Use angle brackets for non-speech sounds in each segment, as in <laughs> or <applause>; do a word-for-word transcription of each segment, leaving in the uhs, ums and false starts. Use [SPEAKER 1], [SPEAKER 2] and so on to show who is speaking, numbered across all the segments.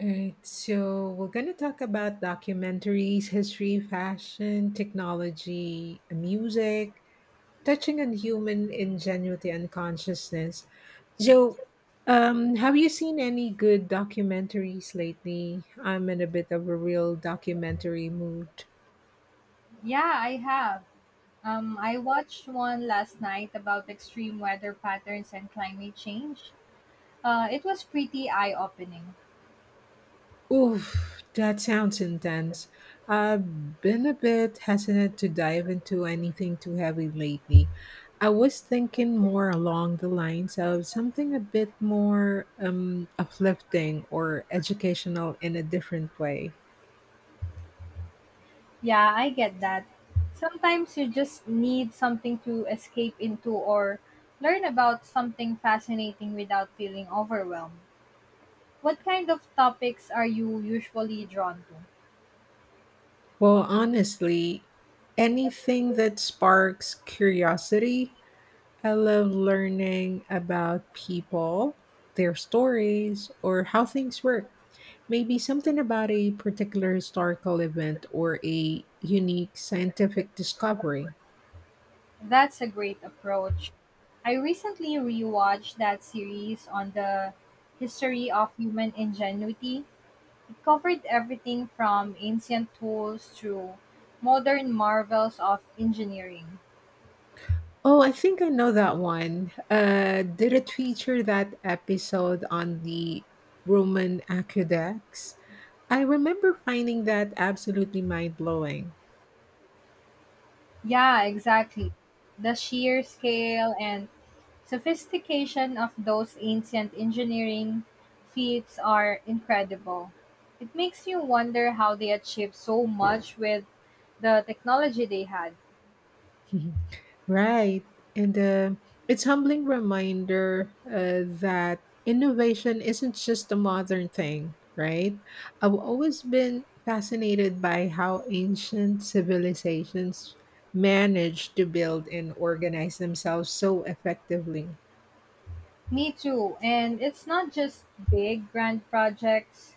[SPEAKER 1] All right, so we're going to talk about documentaries, history, fashion, technology, music, touching on human ingenuity and consciousness. So, um, have you seen any good documentaries lately? I'm in a bit of a real documentary mood.
[SPEAKER 2] Yeah, I have. Um, I watched one last night about extreme weather patterns and climate change. Uh, it was pretty eye opening.
[SPEAKER 1] Oof, that sounds intense. I've been a bit hesitant to dive into anything too heavy lately. I was thinking more along the lines of something a bit more um, uplifting or educational in a different way.
[SPEAKER 2] Yeah, I get that. Sometimes you just need something to escape into or learn about something fascinating without feeling overwhelmed. What kind of topics are you usually drawn to?
[SPEAKER 1] Well, honestly, anything that sparks curiosity. I love learning about people, their stories, or how things work. Maybe something about a particular historical event or a unique scientific discovery.
[SPEAKER 2] That's a great approach. I recently rewatched that series on the history of human ingenuity. It covered everything from ancient tools to modern marvels of engineering.
[SPEAKER 1] Oh, I think I know that one. Uh, did it feature that episode on the Roman aqueducts? I remember finding that absolutely mind blowing.
[SPEAKER 2] Yeah, exactly. The sheer scale and sophistication of those ancient engineering feats are incredible. It makes you wonder how they achieved so much with the technology they had.
[SPEAKER 1] <laughs> Right. And uh, it's humbling reminder uh, that innovation isn't just a modern thing, right? I've always been fascinated by how ancient civilizations managed to build and organize themselves so effectively.
[SPEAKER 2] Me too. And it's not just big, grand projects,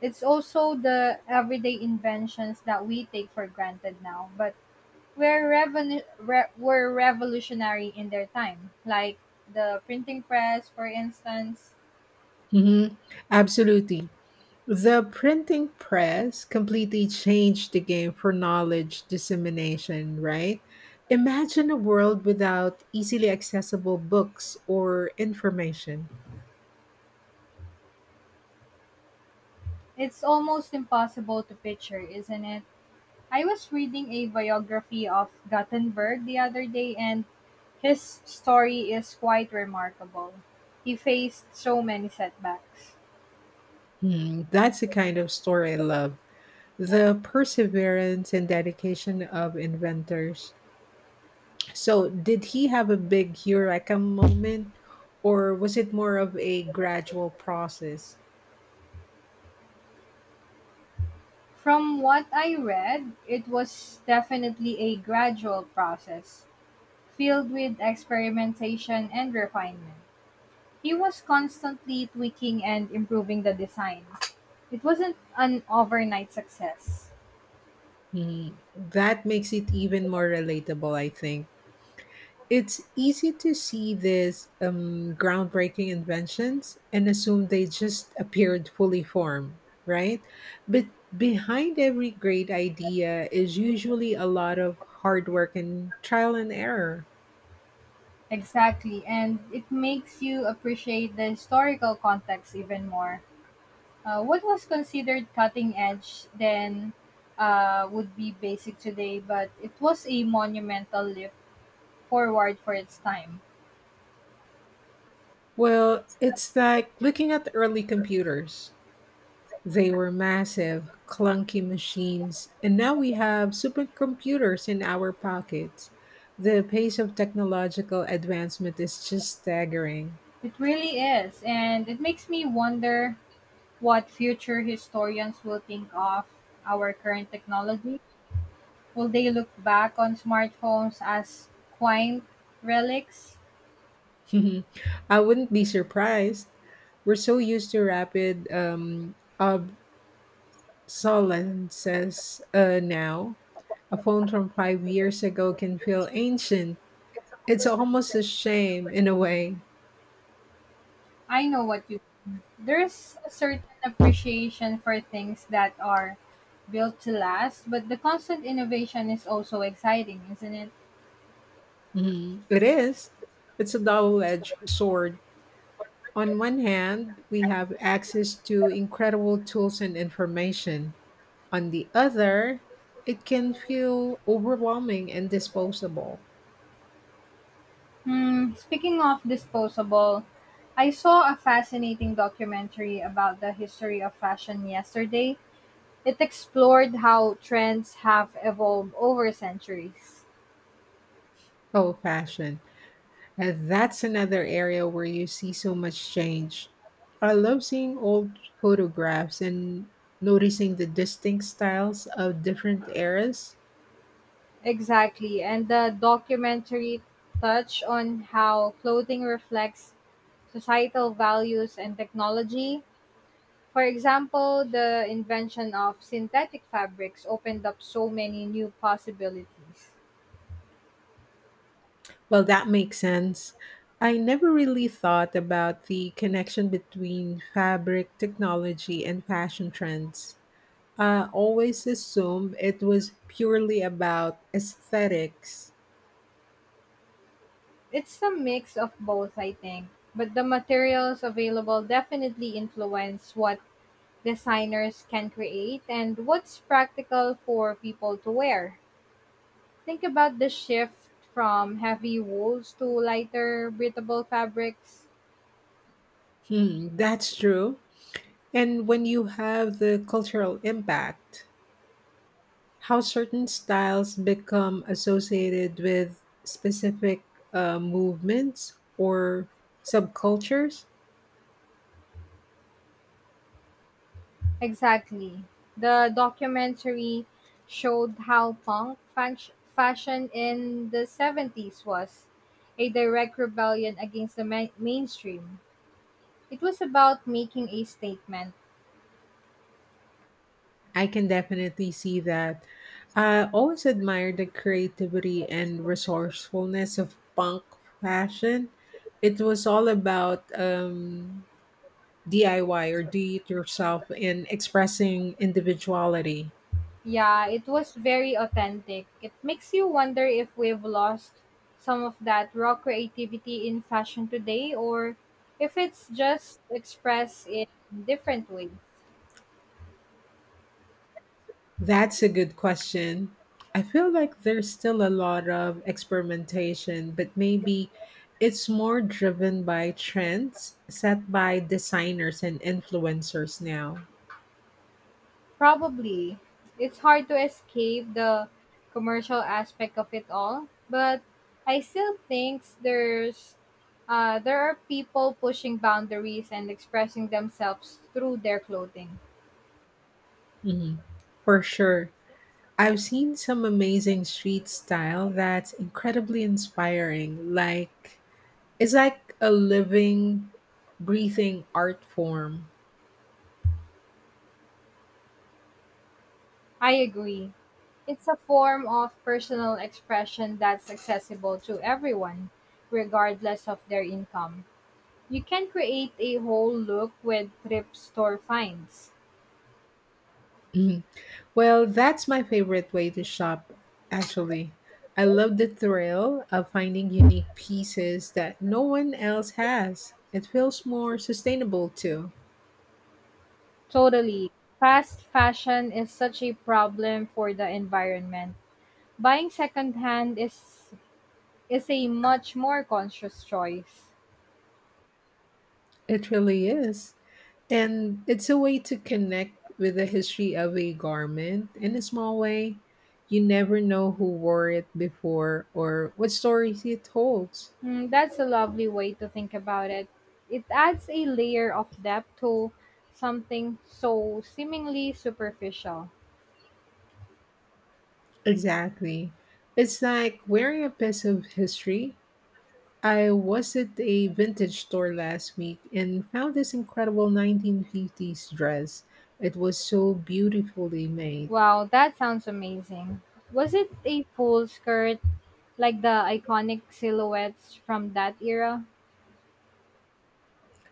[SPEAKER 2] it's also the everyday inventions that we take for granted now. But were, revolu- re- were revolutionary in their time, like the printing press, for instance.
[SPEAKER 1] Mhm. Absolutely. The printing press completely changed the game for knowledge dissemination, right? Imagine a world without easily accessible books or information.
[SPEAKER 2] It's almost impossible to picture, isn't it? I was reading a biography of Gutenberg the other day, and his story is quite remarkable. He faced so many setbacks.
[SPEAKER 1] Hmm, that's the kind of story I love. The perseverance and dedication of inventors. So, did he have a big eureka moment, or was it more of a gradual process?
[SPEAKER 2] From what I read, it was definitely a gradual process, filled with experimentation and refinement. He was constantly tweaking and improving the design. It wasn't an overnight success.
[SPEAKER 1] Hmm, that makes it even more relatable, I think. It's easy to see these um, groundbreaking inventions and assume they just appeared fully formed, right? But behind every great idea is usually a lot of hard work and trial and error.
[SPEAKER 2] Exactly, and it makes you appreciate the historical context even more. Uh, what was considered cutting edge then uh, would be basic today, but it was a monumental leap forward for its time.
[SPEAKER 1] Well, it's like looking at the early computers. They were massive, clunky machines, and now we have supercomputers in our pockets. The pace of technological advancement is just staggering.
[SPEAKER 2] It really is, and it makes me wonder what future historians will think of our current technology. Will they look back on smartphones as quaint relics?
[SPEAKER 1] <laughs> I wouldn't be surprised. We're so used to rapid um, obsolescence uh, now. A phone from five years ago can feel ancient. It's almost a shame in a way.
[SPEAKER 2] I know what you, there's a certain appreciation for things that are built to last, but the constant innovation is also exciting, isn't it?
[SPEAKER 1] Mhm. It is. It's a double edged sword. On one hand, we have access to incredible tools and information. On the other, it can feel overwhelming and disposable.
[SPEAKER 2] Hmm, speaking of disposable, I saw a fascinating documentary about the history of fashion yesterday. It explored how trends have evolved over centuries.
[SPEAKER 1] Oh, fashion. Uh, that's another area where you see so much change. I love seeing old photographs and noticing the distinct styles of different eras.
[SPEAKER 2] Exactly. And the documentary touched on how clothing reflects societal values and technology. For example, the invention of synthetic fabrics opened up so many new possibilities.
[SPEAKER 1] Well, that makes sense. I never really thought about the connection between fabric technology and fashion trends. I always assumed it was purely about aesthetics.
[SPEAKER 2] It's a mix of both, I think, but the materials available definitely influence what designers can create and what's practical for people to wear. Think about the shift from heavy wools to lighter, breathable fabrics.
[SPEAKER 1] Hmm, that's true. And when you have the cultural impact, how certain styles become associated with specific uh, movements or subcultures.
[SPEAKER 2] Exactly. The documentary showed how punk fash- fashion in the seventies was a direct rebellion against the ma- mainstream. It was about making a statement.
[SPEAKER 1] I can definitely see that. I always admired the creativity and resourcefulness of punk fashion. It was all about um, D I Y or do it yourself and expressing individuality.
[SPEAKER 2] Yeah, it was very authentic. It makes you wonder if we've lost some of that raw creativity in fashion today or if it's just expressed in different ways.
[SPEAKER 1] That's a good question. I feel like there's still a lot of experimentation, but maybe it's more driven by trends set by designers and influencers now.
[SPEAKER 2] Probably. It's hard to escape the commercial aspect of it all, but I still think there's uh, there are people pushing boundaries and expressing themselves through their clothing.
[SPEAKER 1] Mhm. For sure. I've seen some amazing street style that's incredibly inspiring. Like it's like a living, breathing art form. <laughs>
[SPEAKER 2] I agree. It's a form of personal expression that's accessible to everyone, regardless of their income. You can create a whole look with thrift store finds.
[SPEAKER 1] Mhm. Well, that's my favorite way to shop actually. I love the thrill of finding unique pieces that no one else has. It feels more sustainable too.
[SPEAKER 2] Totally. Fast fashion is such a problem for the environment. Buying secondhand is is a much more conscious choice.
[SPEAKER 1] It really is. And it's a way to connect with the history of a garment in a small way. You never know who wore it before or what stories it holds.
[SPEAKER 2] Mm, that's a lovely way to think about it. It adds a layer of depth to something so seemingly superficial.
[SPEAKER 1] Exactly. It's like wearing a piece of history. I was at a vintage store last week and found this incredible nineteen fifties dress. It was so beautifully made.
[SPEAKER 2] Wow, that sounds amazing. Was it a full skirt like the iconic silhouettes from that era?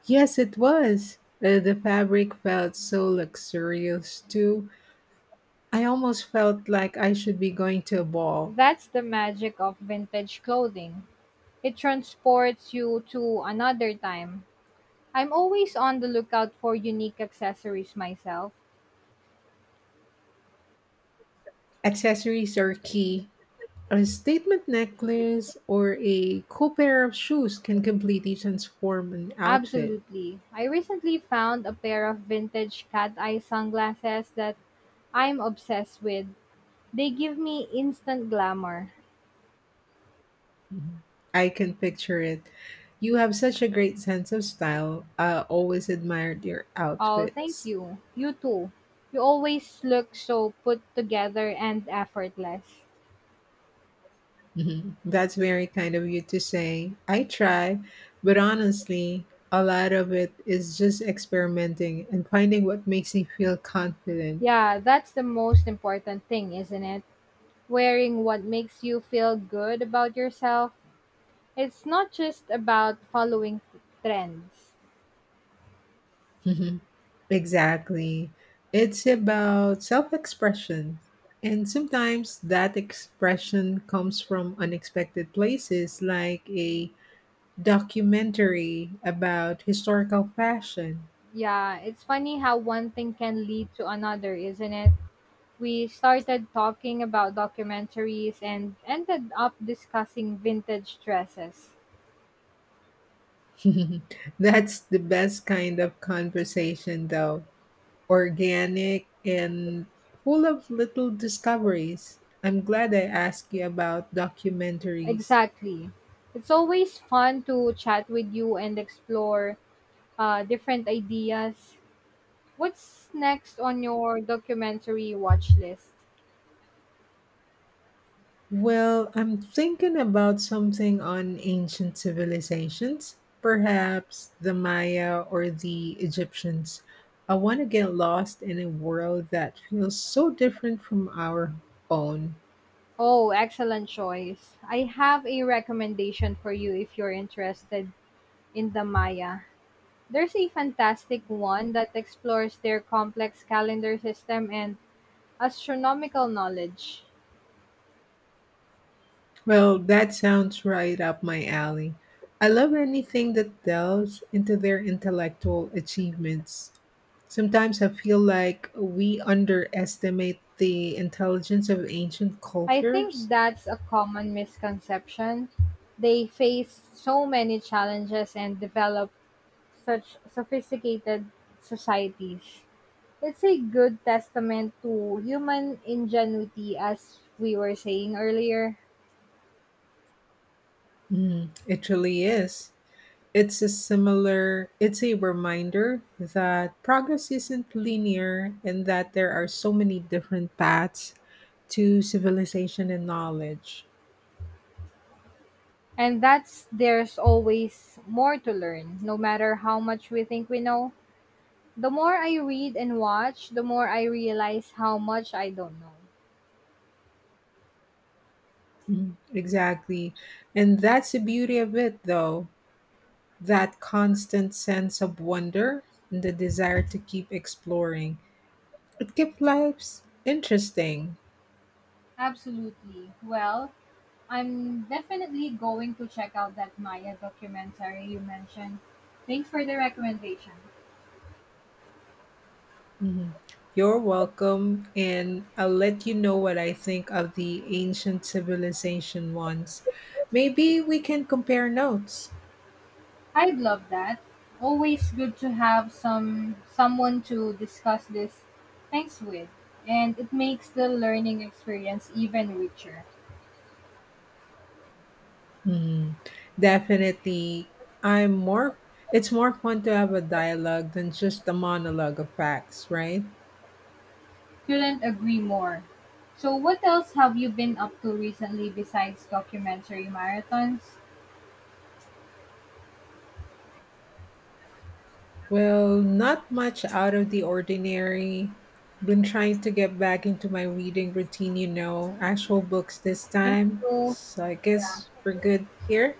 [SPEAKER 1] Yes, it was. Uh, the fabric felt so luxurious too. I almost felt like I should be going to a ball.
[SPEAKER 2] That's the magic of vintage clothing. It transports you to another time. I'm always on the lookout for unique accessories myself.
[SPEAKER 1] Accessories are key. A statement necklace or a cool pair of shoes can completely transform an outfit.
[SPEAKER 2] Absolutely. I recently found a pair of vintage cat eye sunglasses that I'm obsessed with. They give me instant glamour.
[SPEAKER 1] Mhm. I can picture it. You have such a great sense of style. I always admired your
[SPEAKER 2] Oh, thank
[SPEAKER 1] outfits.
[SPEAKER 2] you. You too. You always look so put together and effortless.
[SPEAKER 1] Mhm. That's very kind of you to say. I try, but honestly, a lot of it is just experimenting and finding what makes me feel confident.
[SPEAKER 2] Yeah, that's the most important thing, isn't it? Wearing what makes you feel good about yourself. It's not just about following trends.
[SPEAKER 1] <laughs> Exactly. It's about self expression. And sometimes that expression comes from unexpected places, like a documentary about historical fashion.
[SPEAKER 2] Yeah, it's funny how one thing can lead to another, isn't it? We started talking about documentaries and ended up discussing vintage dresses.
[SPEAKER 1] <laughs> That's the best kind of conversation, though organic and full of little discoveries. I'm glad I asked you about documentaries.
[SPEAKER 2] Exactly. It's always fun to chat with you and explore uh, different ideas. What's next on your documentary watch list?
[SPEAKER 1] Well, I'm thinking about something on ancient civilizations, perhaps the Maya or the Egyptians. I want to get lost in a world that feels so different from our own.
[SPEAKER 2] Oh, excellent choice. I have a recommendation for you if you're interested in the Maya. There's a fantastic one that explores their complex calendar system and astronomical knowledge.
[SPEAKER 1] Well, that sounds right up my alley. I love anything that delves into their intellectual achievements. Sometimes I feel like we underestimate the intelligence of ancient
[SPEAKER 2] I think
[SPEAKER 1] cultures.
[SPEAKER 2] that's a common misconception. They face so many challenges and develop such sophisticated societies. It's a good testament to human ingenuity, as we were saying earlier.
[SPEAKER 1] Mm, it really is. It's a similar, it's a reminder that progress isn't linear and that there are so many different paths to civilization and knowledge.
[SPEAKER 2] And that's, there's always more to learn, no matter how much we think we know. The more I read and watch, the more I realize how much I don't know.
[SPEAKER 1] Mhm. Exactly. And that's the beauty of it, though, that constant sense of wonder and the desire to keep exploring. It keeps lives interesting.
[SPEAKER 2] Absolutely. Well, I'm definitely going to check out that Maya documentary you mentioned. Thanks for the recommendation.
[SPEAKER 1] Mhm. You're welcome, and I'll let you know what I think of the ancient civilization ones. Maybe we can compare notes.
[SPEAKER 2] I'd love that. Always good to have some someone to discuss this thanks with, and it makes the learning experience even richer.
[SPEAKER 1] Mhm. Definitely, I'm more. It's more fun to have a dialogue than just a monologue of facts, right?
[SPEAKER 2] Couldn't agree more. So what else have you been up to recently besides documentary marathons?
[SPEAKER 1] Well, not much out of the ordinary. Been trying to get back into my reading routine, you know, actual books this
[SPEAKER 2] Thank
[SPEAKER 1] time.
[SPEAKER 2] you.
[SPEAKER 1] So I
[SPEAKER 2] Yeah.
[SPEAKER 1] guess we're good here.